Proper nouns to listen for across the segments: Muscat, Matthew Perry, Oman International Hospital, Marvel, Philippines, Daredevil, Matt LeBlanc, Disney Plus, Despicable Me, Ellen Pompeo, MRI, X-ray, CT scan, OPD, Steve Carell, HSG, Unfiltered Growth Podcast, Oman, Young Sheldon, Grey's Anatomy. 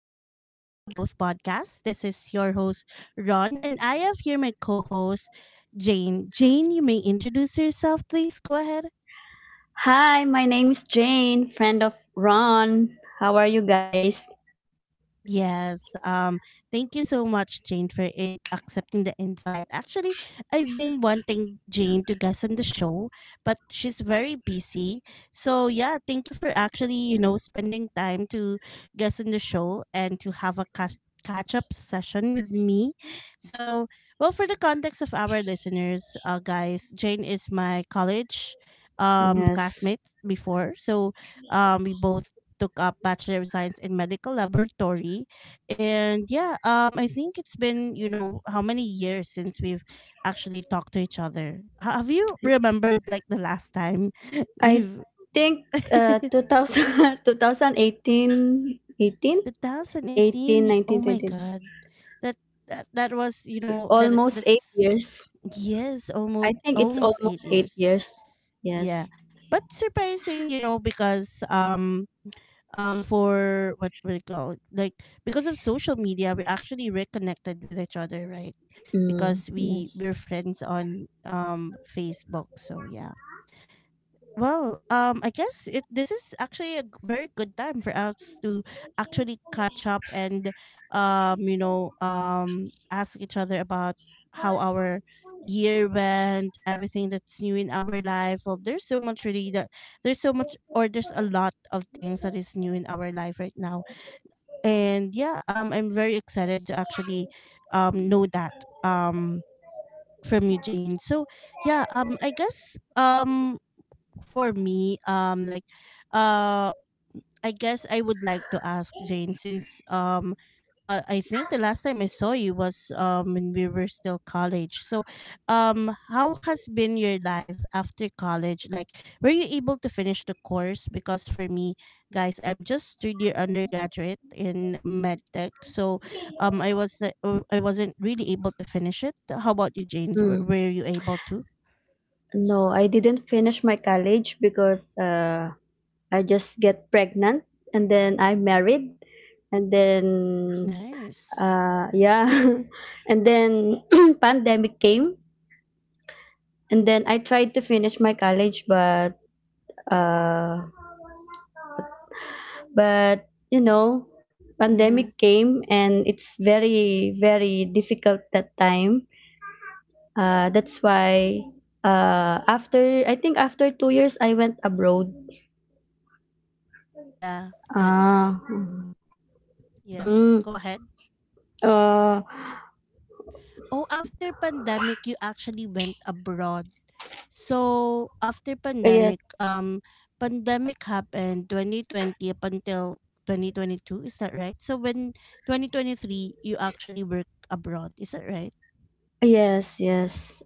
Unfiltered Growth Podcast. This is your host, Ron, and I have here my co host, Jane. Jane, you may introduce yourself, please. Go ahead. Hi, my name is Jane, friend of Ron. How are you guys? Yes. Thank you so much, Jane, for accepting the invite. Actually, I've been wanting Jane to guest on the show, but she's very busy. So yeah, thank you for actually, spending time to guest on the show and to have a catch up session with me. So, well, for the context of our listeners, guys, Jane is my college Yes. classmate before. So, we both took up Bachelor of Science in Medical Laboratory. And yeah, I think it's been, you know, how many years since we've actually talked to each other. Have you remembered like the last time I we've think 2000, 2018 18 18 2018? eighteen, 19 Oh my 20 God. That that was, you know, that almost 8 it's years. yes, I almost think it's almost eight almost 8 years. years. Yeah. Yes. But surprising, you know, because um, for what we call it, like because of social media we actually reconnected with each other, right? Mm, Because we yes. we're friends on Facebook, so yeah. Well, I guess it this is actually a very good time for us to actually catch up and, ask each other about how our year went, everything that's new in our life. Well, there's so much or there's a lot of things that is new in our life right now. And yeah, I'm very excited to actually know that um from you, Jane. So yeah, for me, uh, I guess I would like to ask Jane since I think the last time I saw you was when we were still college. So, how has been your life after college? Like, were you able to finish the course? Because for me, guys, I'm just third year undergraduate in medtech, so I was like, I wasn't really able to finish it. How about you, James? Mm. Were you able to? No, I didn't finish my college because I just get pregnant, and then I married, and then Nice. Yeah. And then pandemic came, and then I tried to finish my college, but uh, but Mm-hmm. pandemic came, and it's very very difficult that time. That's why, after I think after 2 years, I went abroad. Yeah, that's Ah. yeah. Mm. Go ahead. Uh, Oh, after pandemic, you actually went abroad. So after yes, pandemic, pandemic happened 2020 up until 2022. Is that right? So when 2023, you actually work abroad. Is that right? yes, yes.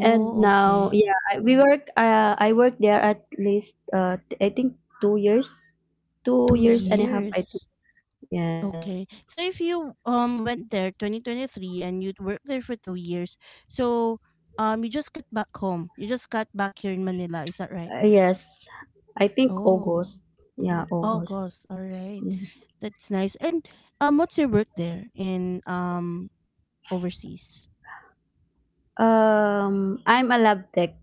And now, okay. yeah, we work. I work there at least. I think 2 years, two Two years and a half. years. I think yes, Okay. So if you went there 2023 and you'd worked there for 2 years, so you just got back home. You just got back here in Manila. Is that right? Yes. I think Oh. August. Yeah, Mhm. August. August. All right. Yes. That's nice. And what's your work there in overseas? I'm a lab tech.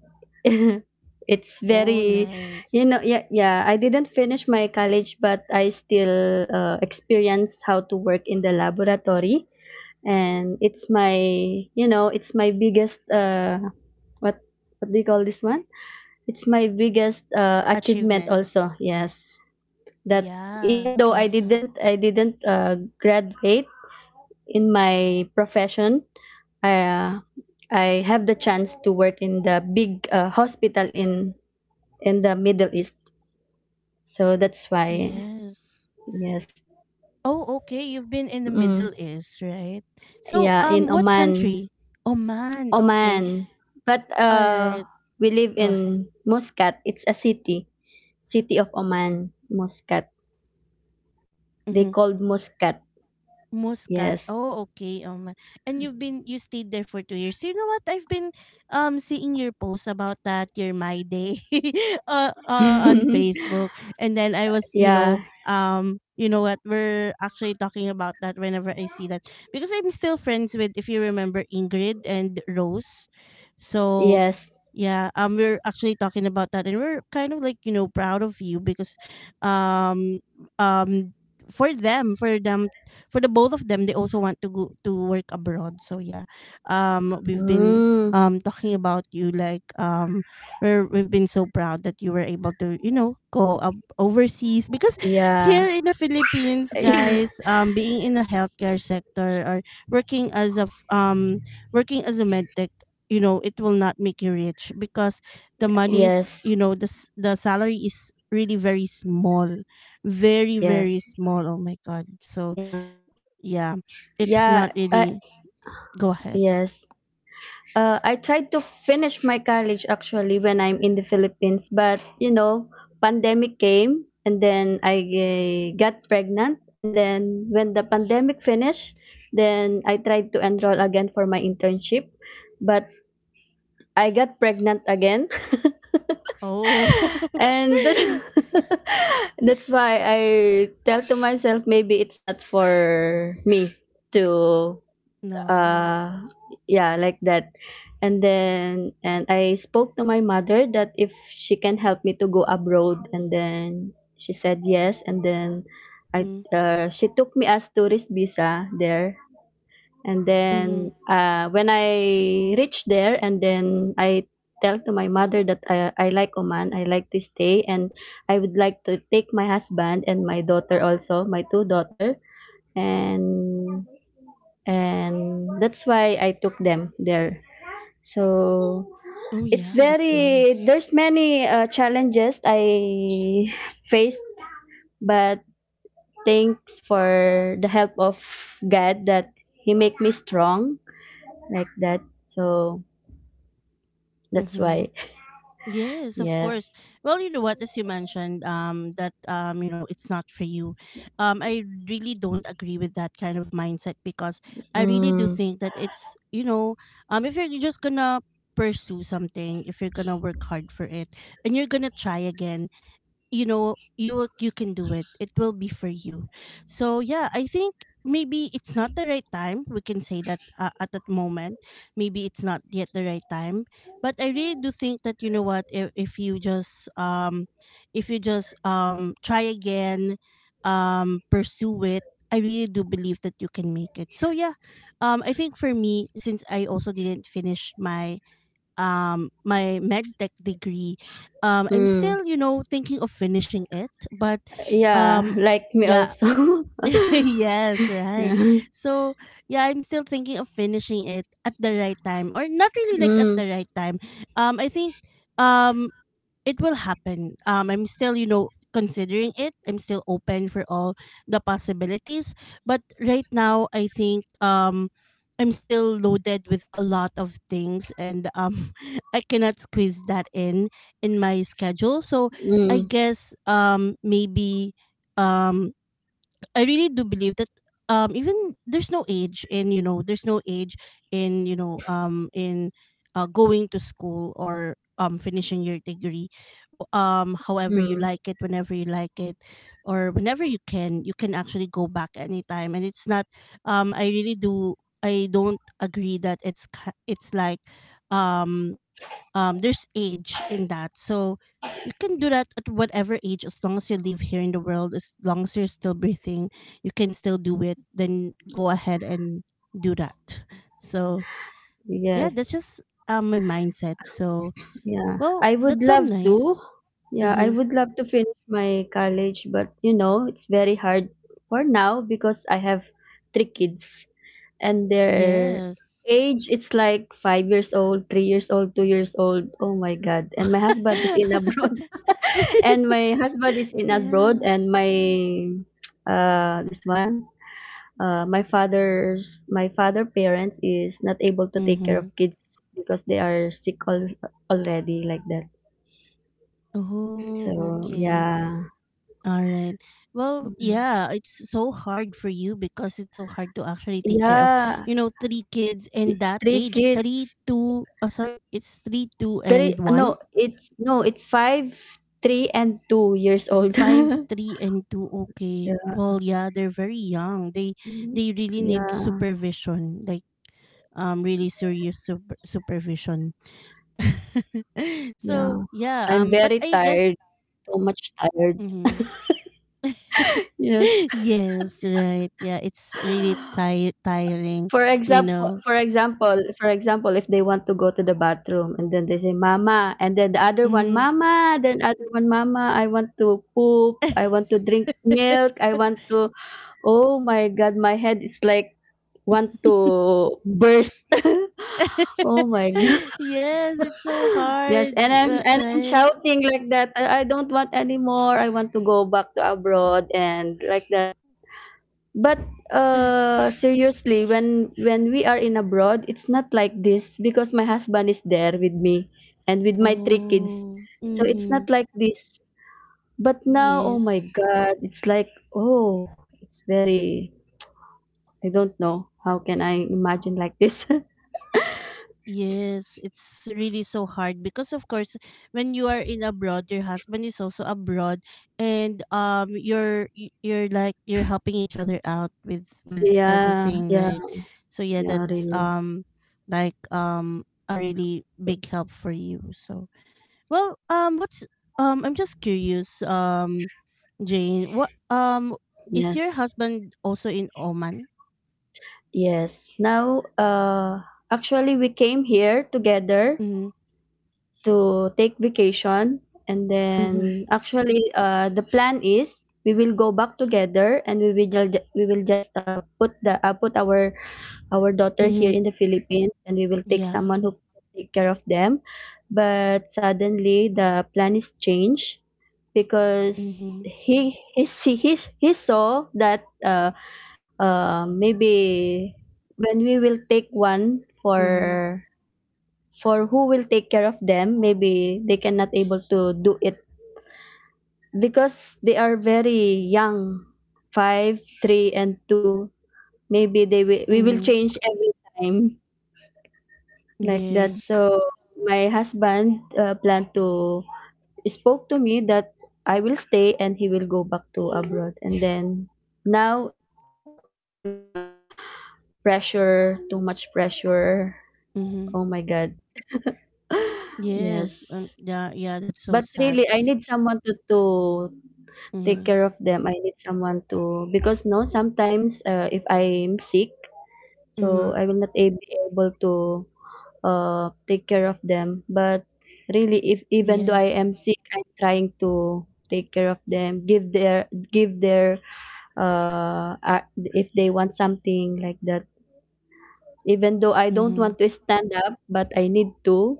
It's Oh, very, nice yeah, yeah. I didn't finish my college, but I still, experience how to work in the laboratory. And it's my biggest, what what do you call this one? It's my biggest, achievement achievement. also. Yes. That, Yeah. even though i Yeah. didn't i didn't uh, graduate in my profession, uh, I have the chance to work in the big, hospital in the Middle East. So that's why. Yes. Yes. Oh, okay. You've been in the Middle Mm. East, right? So, Yeah, in what Oman. country? Oman. Okay. Oman, but All right. we live Go ahead. in Muscat. It's a city, city of Oman, Muscat. They Mhm. called Muscat. Muscat. Yes. Oh, okay. And you stayed there for 2 years. You know what? I've been seeing your posts about that your my day, on Facebook, and then I was Yeah. You know what we're actually talking about that whenever I see that because I'm still friends with, if you remember, Ingrid and Rose, so Yes. yeah, we're actually talking about that, and we're kind of like, you know, proud of you because, um, um, for them, for the both of them, they also want to go to work abroad. So yeah, we've been Mm, talking about you like, we've been so proud that you were able to, you know, go up overseas because here yeah. in the Philippines, guys, being in the healthcare sector or working as a working as a med tech, you know, it will not make you rich because the money is, Yes. you know, the the salary is really very small, very Yes. very small, oh my god, so Yeah. yeah it's Yeah. not really. Go ahead. Yes. I tried to finish my college actually when I'm in the Philippines, but pandemic came, and then I, got pregnant, and then when the pandemic finished, then I tried to enroll again for my internship, but I got pregnant again. Oh. and that- that's why I tell to myself maybe it's not for me to, No. uh yeah, like that. And then and I spoke to my mother that if she can help me to go abroad, and then she said yes. And then I she took me as tourist visa there. And Mm-hmm. then, when I reached there, and then I tell to my mother that I like Oman. I like to stay, and I would like to take my husband and my daughter, also my two daughter. And and that's why I took them there. So Oh it's yeah, that's nice. very, there's many, challenges I faced, but thanks for the help of God that He make me strong, like that. So that's Mm-hmm. why. Yes, of Yes. course. Well, you know what, as you mentioned, that, you know, it's not for you. I really don't agree with that kind of mindset because I really do Mm, think that it's, you know, if you're just gonna pursue something, if you're gonna work hard for it, and you're gonna try again, you know, you can do it, it will be for you. So yeah, I think maybe it's not the right time, we can say that, at that moment maybe it's not yet the right time, but I really do think that, you know what, if you just try again, pursue it, I really do believe that you can make it. So yeah, I think for me, since I also didn't finish my my med tech degree, I'm still, mm. you know, thinking of finishing it, but Yeah, um like me yeah. also. Yes, right. Yeah. So yeah, I'm still thinking of finishing it at the right time or not really like at Mm, the right time. I think um it will happen. I'm still, you know, considering it. I'm still open for all the possibilities. But right now, I think, I'm still loaded with a lot of things, and, I cannot squeeze that in my schedule. So I mm, guess, maybe um, I really do believe that, even there's no age in, you know, there's no age in, you know, in going to school or finishing your degree. However you mm. like it, whenever you like it or whenever you can, you can actually go back anytime, and it's not, I really do, I don't agree that it's like, um there's age in that. So you can do that at whatever age, as long as you live here in the world, as long as you're still breathing, you can still do it, then go ahead and do that. So yeah, this Yes. is my mindset. So Yeah, well, I would that's so love to. nice. Yeah, I Mm-hmm. would love to finish my college, but it's very hard for now because I have three kids, and Yeah. their age, it's like 5 years old, 3 years old, 2 years old. Oh my God. And my husband is in abroad. And my husband is in abroad, Yes. and my, this one, my father parents is not able to take care Mm-hmm. of kids because they are sick, already, like that. Oh, So, okay. yeah. All right. Well, yeah, it's so hard for you because it's so hard to actually take care of, Yeah, you know, three kids in that three age. kids. Three, two, oh, sorry, it's three, two, Three, and one. no, it's, no, it's 5, 3, and 2 years old. Five, three, and two. Yeah. Okay. Well, yeah, they're very young. Mm. They really need Yeah, supervision, like, really serious supervision. yeah. So yeah, I'm but very I guess. tired, so much tired. Mm-hmm. Yes. Yes, right. Yeah, it's really tire tiring, you know. For example, if they want to go to the bathroom, and then they say, "Mama," and then the other one, Mhm. "Mama," then other one, "Mama, I want to poop, I want to drink milk, I want to." Oh my God, my head is like want to burst. Oh my God. Yes, it's so Yes, hard, and I'm right? shouting like that. I don't want anymore. I want to go back to abroad, and like that. But seriously, when we are in abroad, it's not like this because my husband is there with me and with my three Oh, kids. So it's mm-hmm. not like this. But now, oh Yes, my God, it's like, oh, it's very, I don't know. How can I imagine like this? yes. It's really so hard because, of course, when you are in abroad, your husband is also abroad, and, you're like you're helping each other out with Yeah, everything, yeah, right? So yeah, yeah, that's really. like a really big help for you. So well, what's I'm just curious, Jane, what is your Yes, husband also in Oman? yes. Now, actually, we came here together Mm-hmm. to take vacation, and then actually, the plan is we will go back together, and we will just, put the, put our daughter here Mm-hmm. in the Philippines, and we will take Yeah. someone who can take care of them. But suddenly the plan is changed because Mm-hmm. he saw that, maybe when we will take one Mm-hmm. For who will take care of them, maybe they cannot able to do it because they are very young, 5, 3 and two. Maybe they will we will Mm-hmm. change every time, like that. Yes. So my husband, planned to, spoke to me that I will stay and he will go back to abroad, and then now I feel the pressure, too much pressure. Mm-hmm. Oh my God. Yes. Yes, Yeah. Yeah. That's so but sad. really I need someone to, take Mm-hmm. care of them. I need someone to because no, sometimes, if I'm sick, Mm-hmm. so I will not, be able to, take care of them. But really, if even though I Yes. am sick, I'm trying to take care of them, give their, uh, uh if they want something like that. Even though I don't Mm-hmm. want to stand up, but I need to,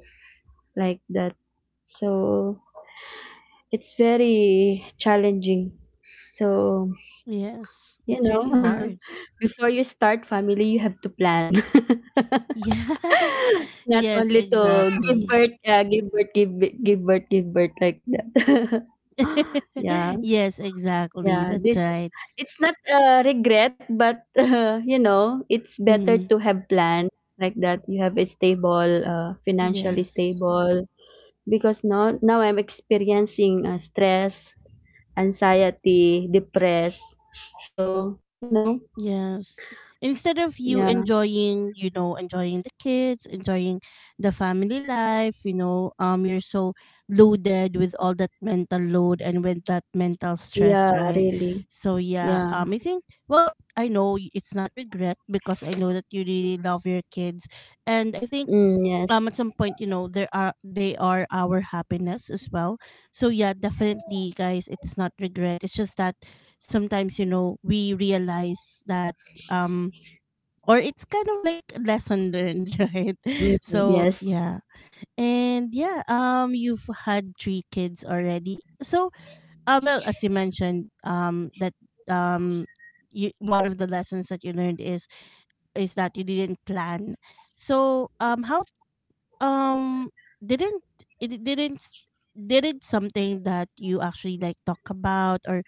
like that. So it's very challenging. So. Yes. You It's really know, hard. before you start family, you have to plan. Yeah. Not Yes. only to give Exactly. birth, give birth, give birth, give birth, like that. Yeah, Yes. Exactly. yeah. That's This, right. it's not a regret, but it's better Mm, to have plan, like that. You have a stable, financially yes. stable. Because now I'm experiencing, stress, anxiety, depressed. So, Yes. Instead of you yeah. enjoying, you know, enjoying the kids, enjoying the family life, you know, you're so loaded with all that mental load and with that mental stress, Yeah, right? really. So yeah, Yeah. I think, well, I know it's not regret because I know that you really love your kids, and I think, Mm, yes. At some point, you know, there are they are our happiness as well. So yeah, definitely, guys, it's not regret. It's just that sometimes, you know, we realize that, um, or it's kind of like lesson learned, right? Mm, So yes. yeah, and yeah, you've had three kids already. So well, as you mentioned, that um. You, one of the lessons that you learned is that you didn't plan. So how um, didn't it didn't something that you actually like talk about or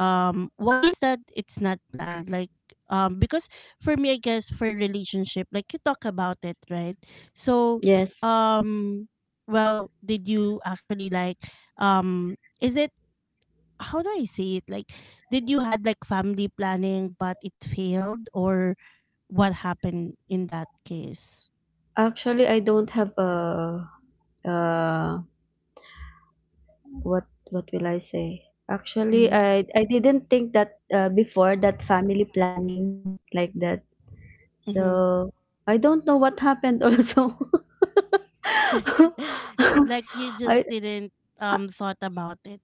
why is that it's not planned, like, because for me, I guess, for relationship, like you talk about it, right? So Yes. um well, did you actually like, um is it how do I say it, like, did you had like family planning but it failed or what happened in that case? Actually, I don't have a, uh what what will I say? Actually, Mm-hmm. I didn't think that, before that family planning, like that. Mm-hmm. So I don't know what happened also. Like, you I. just didn't, thought about it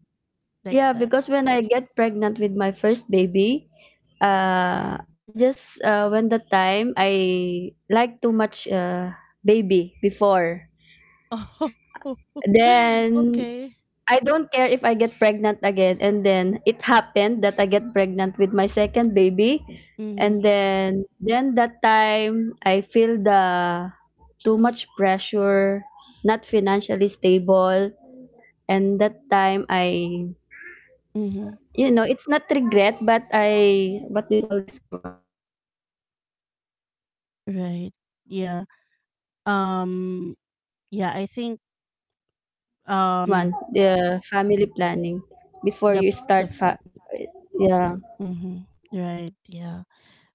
like Yeah, that. because when I get pregnant with my first baby, I just, when the time I like too much, baby before. Oh, Then okay. I don't care if I get pregnant again. And then it happened that I get pregnant with my second baby. Mhm, And then that time I feel the too much pressure, not financially stable. And that time I, mhm. It's not regret, but I, what do you call this one? It's like, it's too late to realize Right. na, Yeah. that, Um, uh, yeah, I think, it should have this one, um, the family planning before the you the start, family. yeah, Mhm. Right, yeah.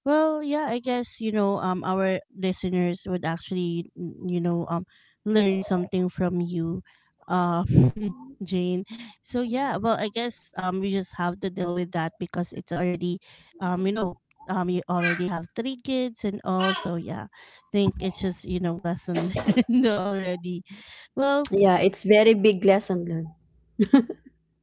Well, yeah, I guess, you know, our listeners would actually you know learn something from you, uh, Jane. So yeah, well, I guess we just have to deal with that because it's already, um you know you already have three kids and all. So yeah, I think it's just, you know, lesson learned already. Well, yeah, it's very big lesson learned.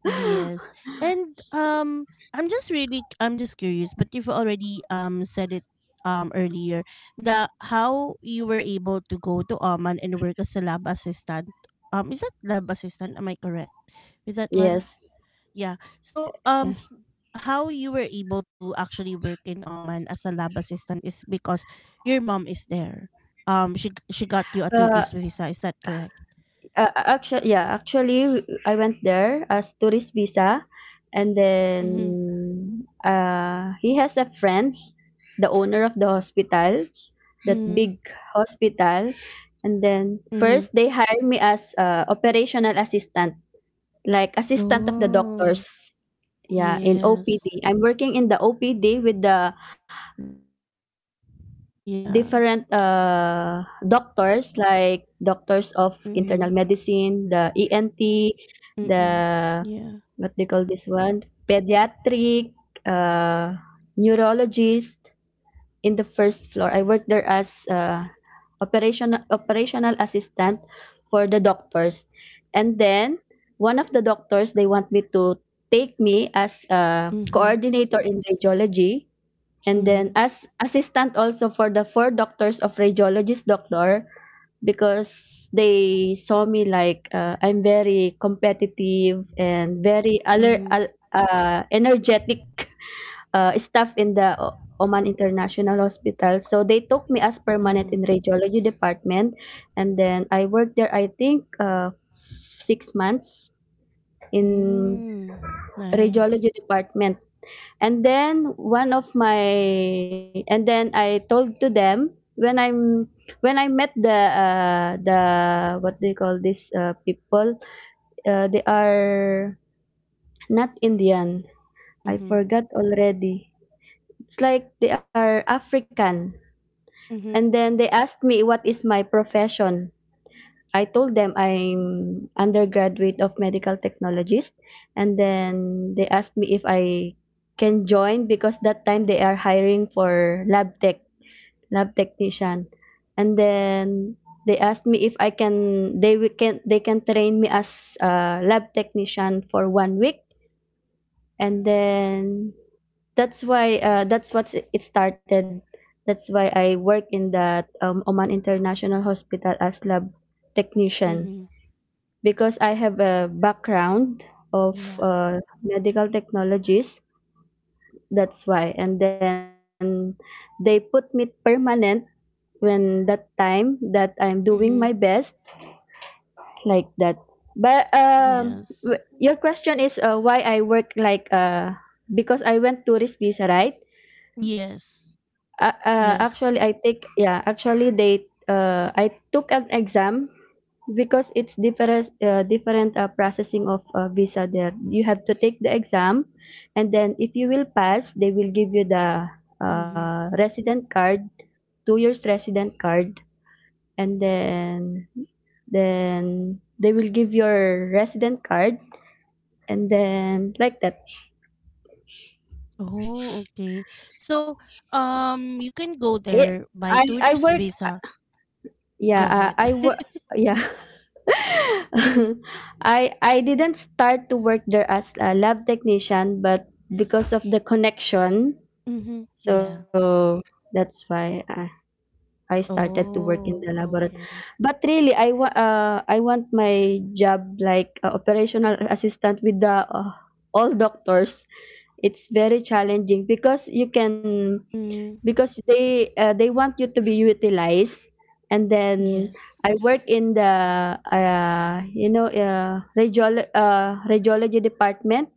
yes. And I'm just curious, but you've already said it earlier, the how you were able to go to Oman and work as a lab assistant. Um, is that lab assistant? Am I correct? With that one? Yes. Yeah. So, Yeah. How you were able to actually work in Oman as a lab assistant is because your mom is there. Um, she got Uh, you a tourist visa, is that correct? Actually, yeah, actually, I went there as tourist visa, and then, Mm-hmm. He has a friend, the owner of the hospital, that Mm-hmm. big hospital, and then first they hired me as, operational assistant, like assistant of the Oh, doctors. Yeah, in yes. OPD. I'm working in the OPD with the Yeah. different, doctors, like doctors of Mhm, internal medicine, the ENT, mm. the, Yeah. what they call this one, pediatric, uh, neurologist, in the first floor. I worked there as, operational assistant for the doctors. And then one of the doctors they want me to take me as a Mhm, coordinator in radiology, and mhm, then as assistant also for the four doctors of radiologist doctor because they saw me like, I'm very competitive and very alert, mhm, energetic, staff in the Oman International Hospital. So they took me as permanent mhm. in radiology department, and then I worked there. I think, 6 months in Mm, nice. radiology department. And then one of my, and then I told to them when I met the, the, what do you call these, people. They are not Indian. I Mhm, forgot already. It's like they are African. And mhm, then they asked me what is my profession. I told them I'm undergraduate of medical technologist, and then they asked me if I can join because that time they are hiring for lab tech, lab technician. And then they asked me if I can, they can train me as a lab technician for 1 week, and then that's why, that's what it started. That's why I work in that, Oman International Hospital as lab technician mhm. because I have a background of, Yeah. Medical technologies. That's why. And then they put me permanent when that time that I'm doing my Mhm. best, like that. But Yes. your question is, why I work like, because I went tourist visa, right? Yes. Yes. Actually, I take, yeah. Actually, they I took an exam because it's different different processing of visa there. You have to take the exam, and then if you will pass they will give you the Mhm. resident card, 2 years resident card, and then they will give your resident card and then like that. Oh, okay. So, you can go It, there by I tourist work visa. Go Yeah, ahead. I wo- yeah. I didn't start to work there as a lab technician, but because of the connection, Mhm. Yeah. so that's why I started Oh, to work in the okay. laboratory. But really, I want my job like operational assistant with the all doctors. It's very challenging because you can, Mhm. because they want you to be utilized. And then Yes. I work in the radiology department.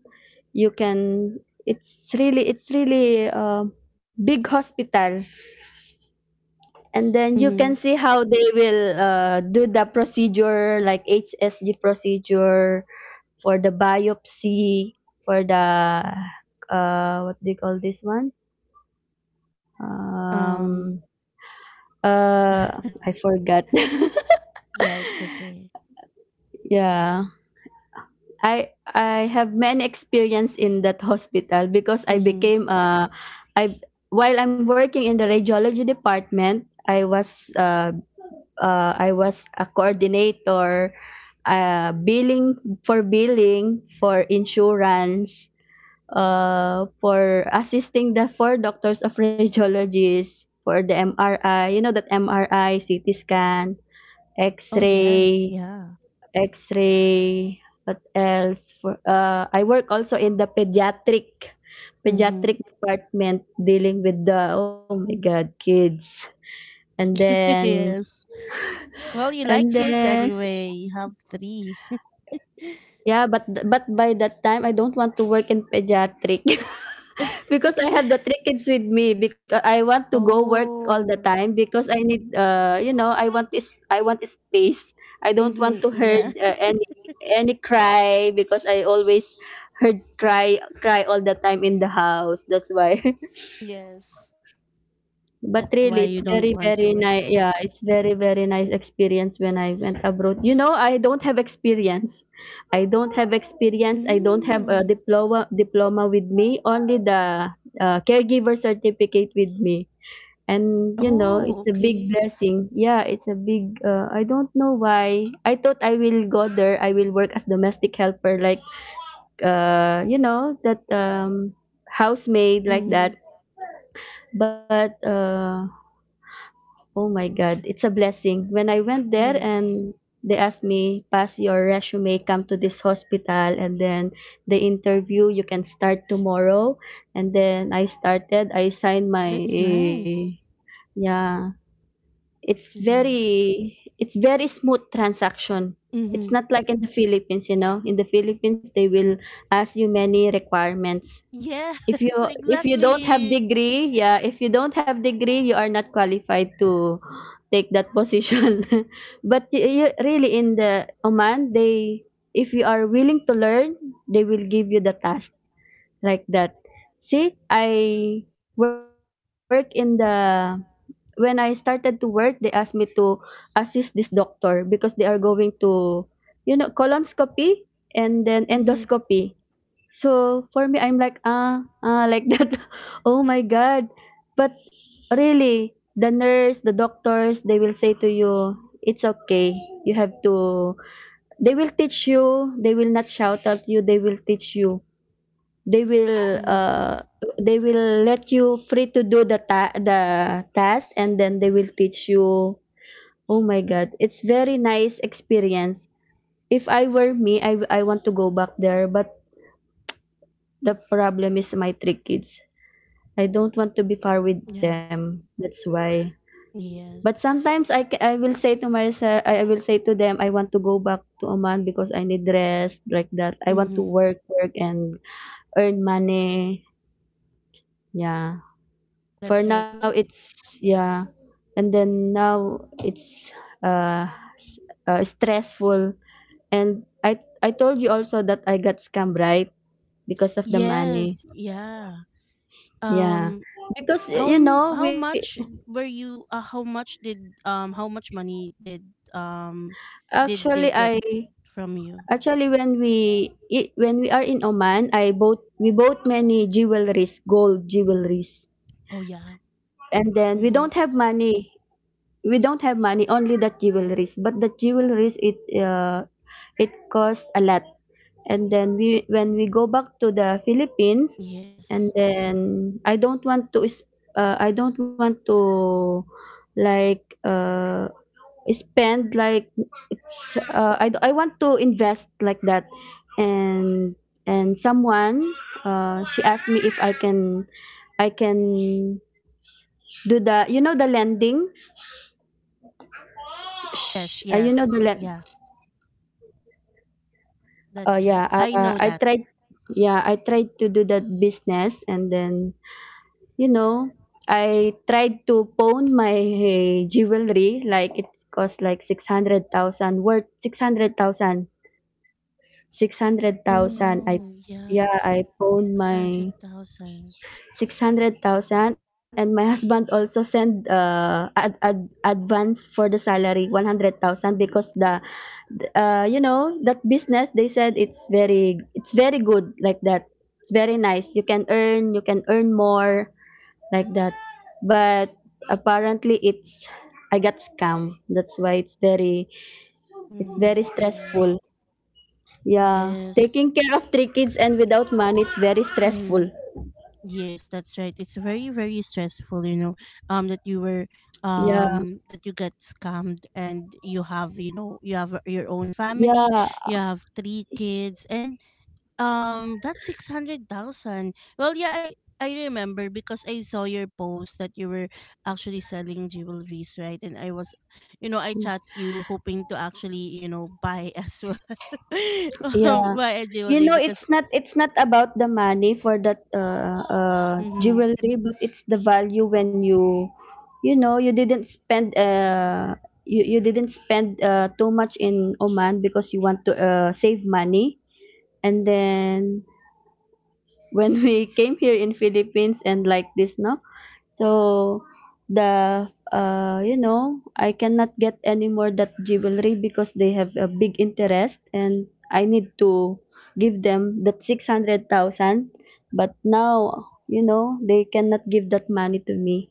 You can, it's really big hospital. And then you can Mhm. see how they will do the procedure like HSG procedure for the biopsy, for the what do you call this one, um uh I forgot. Yeah, it's okay. Yeah, I have many experience in that hospital because I Mhm. became I while I'm working in the radiology department I was, uh, I was a coordinator, billing for billing, for insurance, for assisting the four doctors of radiologists for the MRI. You know that MRI, CT scan, Oh, yes. X-ray, Yeah. X-ray. What else? For I work also in the pediatric, Mhm. pediatric department, dealing with the oh my god kids. and then Yes. Well, you and like kids then anyway. You have 3. yeah, but by that time, I don't want to work in pediatric. Because I have the three kids with me, because I want to go work all the time, Oh. because I need you know, I want space. I don't want to Mhm. heard Yeah. Any cry, because I always heard cry cry all the time in the house. That's why. Yes. But That's why really, you it's don't very, want to very work. nice. Yeah, it's very, very nice experience when I went abroad. You know, I don't have experience. I don't have experience. I don't have a Mm. diploma diploma with me. Only the caregiver certificate with me. And you know, Oh, it's a big okay. blessing. Yeah, it's a big. I don't know why. I thought I will go there. I will work as domestic helper, like you know, that housemaid like Mhm. that. But oh my God, it's a blessing. When I went there, Yes. and they asked me, pass your resume, come to this hospital, and then the interview, you can start tomorrow. And then I started, I signed my, That's eh, nice. yeah, Yeah. It's very smooth transaction. It's Mhm. not like in the Philippines, you know. In the Philippines, they will ask you many requirements. Yes, If you, if you don't have exactly. degree, yeah, if you don't have degree you are not qualified to take that position. But you really in the Oman, they, if you are willing to learn, they will give you the task, like that. See, I work in the when I started to work, they asked me to assist this doctor, because they are going to, you know, colonoscopy and then endoscopy. So for me, I'm like ah ah like that. Oh my god! But really, the nurse, the doctors, they will say to you, it's okay. You have to. They will teach you. They will not shout at you. They will teach you, they will Mhm. uh, they will let you free to do the the task, and then they will teach you. Oh my god, it's very nice experience. If I were me, I want to go back there, but the problem is my three kids. I don't want to be far with them. That's why. But Yes. sometimes I will say to myself, I will say to them, I want to go back to Oman because I need rest like that. I want to Mhm. work work and earn money. Yeah. For That's now right. Well, it's, yeah, and then now it's, uh, s- stressful. And I told you also that I got scammed, right? Because of the yes. money. Yeah. Yeah. Um, Because How you m- know, how we much were you? How much did um? How much money did um? actually Did they I get from you? actually, when when we are in Oman, I bought we bought many jewelries, gold jewelries. Oh yeah. And then we Hmm. don't have money. We don't have money, only that jewelries. But the jewelries, it it costs a lot. And then we when we go back to the Philippines, and Yes. then I don't want to, like spend like, it's I want to invest like that. and and someone, she asked me if I can do the, you know, the lending. Sh Yes. You know Yes. the let. Yeah. Oh That's right. yeah, I know I that. tried. Yeah, I tried to do that business, and then, you know, I tried to pawn my jewelry, like it cost like 600,000, worth 600,000, Oh 600,000, I no. Yeah. yeah, I pawned Six hundred my thousand. 600,000. And my husband also sent advance for the salary, 100,000. Because the you know that business, they said it's very, it's very good like that. It's very nice, you can earn, you can earn more like that. But apparently, it's, I got scam. That's why it's very, it's Mm-hmm. very Yeah. stressful. Yeah, Yes. taking care of three kids and without money, it's very Mm-hmm. stressful. Yes, that's right. It's very, very stressful, you know, that you were, Yeah. That you get scammed, and you have, you know, you have your own family, Yeah. you have three kids, and that's 600,000. Well, yeah, I remember because I saw your post that you were actually selling jewelries, right? And I was, you know, I chat you hoping to actually, you know, buy as well, Yeah. buy a You jewelry know, because, it's not, it's not about the money for that mhm. jewelry, but it's the value when you know, you didn't spend you didn't spend too much in Oman because you want to save money. And then when we came here in Philippines and like this, no? So the you know, I cannot get any more that jewelry because they have a big interest, and I need to give them that 600,000. But now, you know, they cannot give that money to me.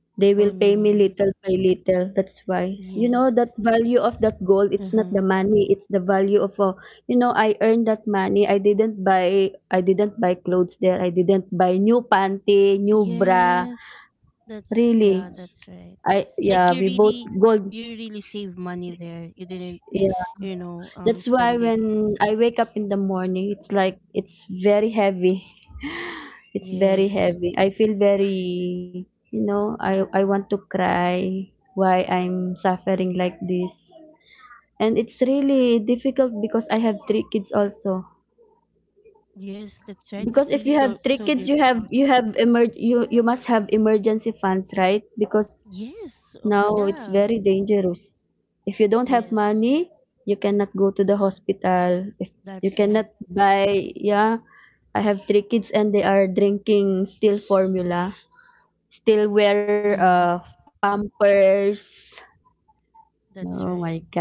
They will Oh pay me no, little by little. That's why. You know, yes. that value of that gold, it's not the Mm-hmm. money, it's the value of, you know, I earned that money. I didn't buy clothes there. I didn't buy new panty, new bra. Yes, that's Really. yeah, that's right. I, Like yeah, we both gold. you really save money there. You didn't, Yeah. you know, That's why spend it. when I wake up in the morning, it's like, it's very heavy. It's very Yes. heavy. I feel very, you know, I want to cry, why I'm suffering like this. And it's really difficult because I have three kids also. Yes, that's right. Because It's if you really have three so kids, you have, difficult. you have emer you you must have emergency funds, right? Because Yes. Oh, now it's yeah. very dangerous. If you don't have Yes, money, you cannot go to the hospital. If you that's right. cannot buy, yeah, I have three kids and they are drinking still formula, still wear Mhm. Pampers. Oh That's my right. God.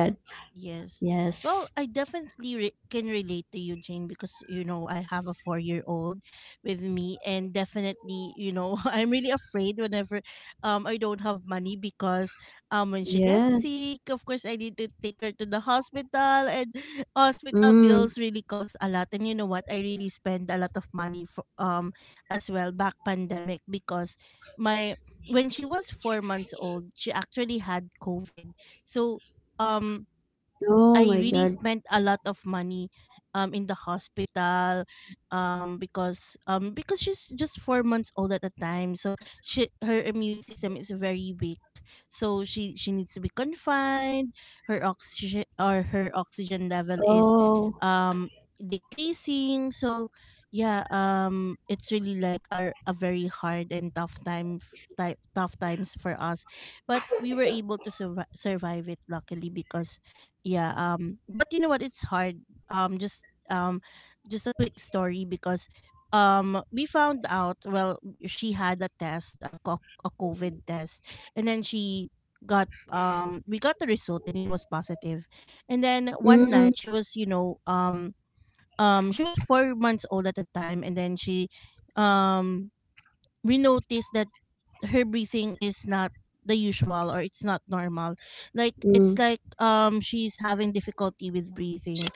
Yes. Yes. Well, I definitely can relate to you, Jane, because, you know, I have a 4 year old with me. And definitely, you know, I'm really afraid whenever I don't have money because when she gets Yes. sick, of course, I need to take her to the hospital. And hospital bills Mm. really cost a lot. And you know what? I really spend a lot of money for, as well back pandemic because my. When she was 4 months old, she actually had COVID. So, um, I Oh my really God. spent a lot of money in the hospital because she's just 4 months old at the time, so she her immune system is very weak, so she needs to be confined. Her oxygen, or her oxygen level is Oh. Decreasing. So yeah, it's really like a very hard and tough tough times for us, but we were able to survive it luckily because yeah. But you know what, it's hard. um just um just a quick story, because we found out, well, she had a covid test, and then she got we got the result and it was positive. And then one Mm, night she was, you know, she was 4 months old at the time, and then she, um we noticed that her breathing is not the usual, or it's not normal. Like it's mm. like, she's having difficulty with breathing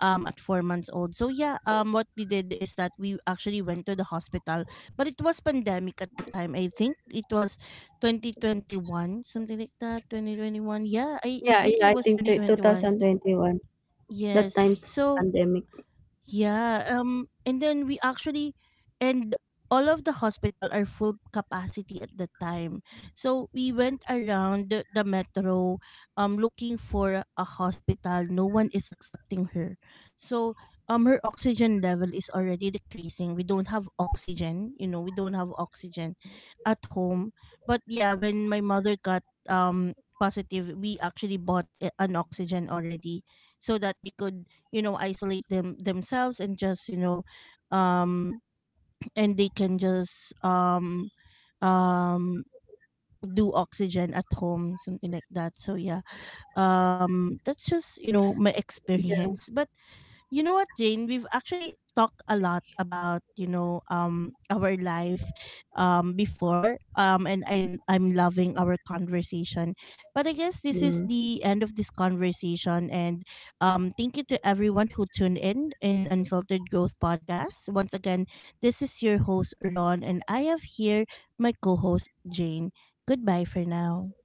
at 4 months old. So yeah, um, what we did is that we actually went to the hospital. But it was pandemic at the time. I think it was 2021, something like that. 2021. Yeah, I Yeah, think it yeah, I was think twenty t twenty one. 2021. That Yes. time's So pandemic. yeah, and then we actually and all of the hospital are full capacity at the time. So we went around the metro, looking for a hospital. No one is accepting her. So um, her oxygen level is already decreasing. We don't have oxygen, you know, we don't have oxygen at home. But yeah, when my mother got positive, we actually bought an oxygen already so that they could, you know, isolate themselves and just, you know, um and they can just um do oxygen at home, something like that. So yeah, um, that's just, you know, my Yeah. experience. But you know what, Jane? We've actually talked a lot about, you know, our life before and I'm loving our conversation. But I guess this is Mm. the end of this conversation, and um, thank you to everyone who tuned in Unfiltered Growth Podcast. Once again, this is your host Ron, and I have here my co-host Jane. Goodbye for now.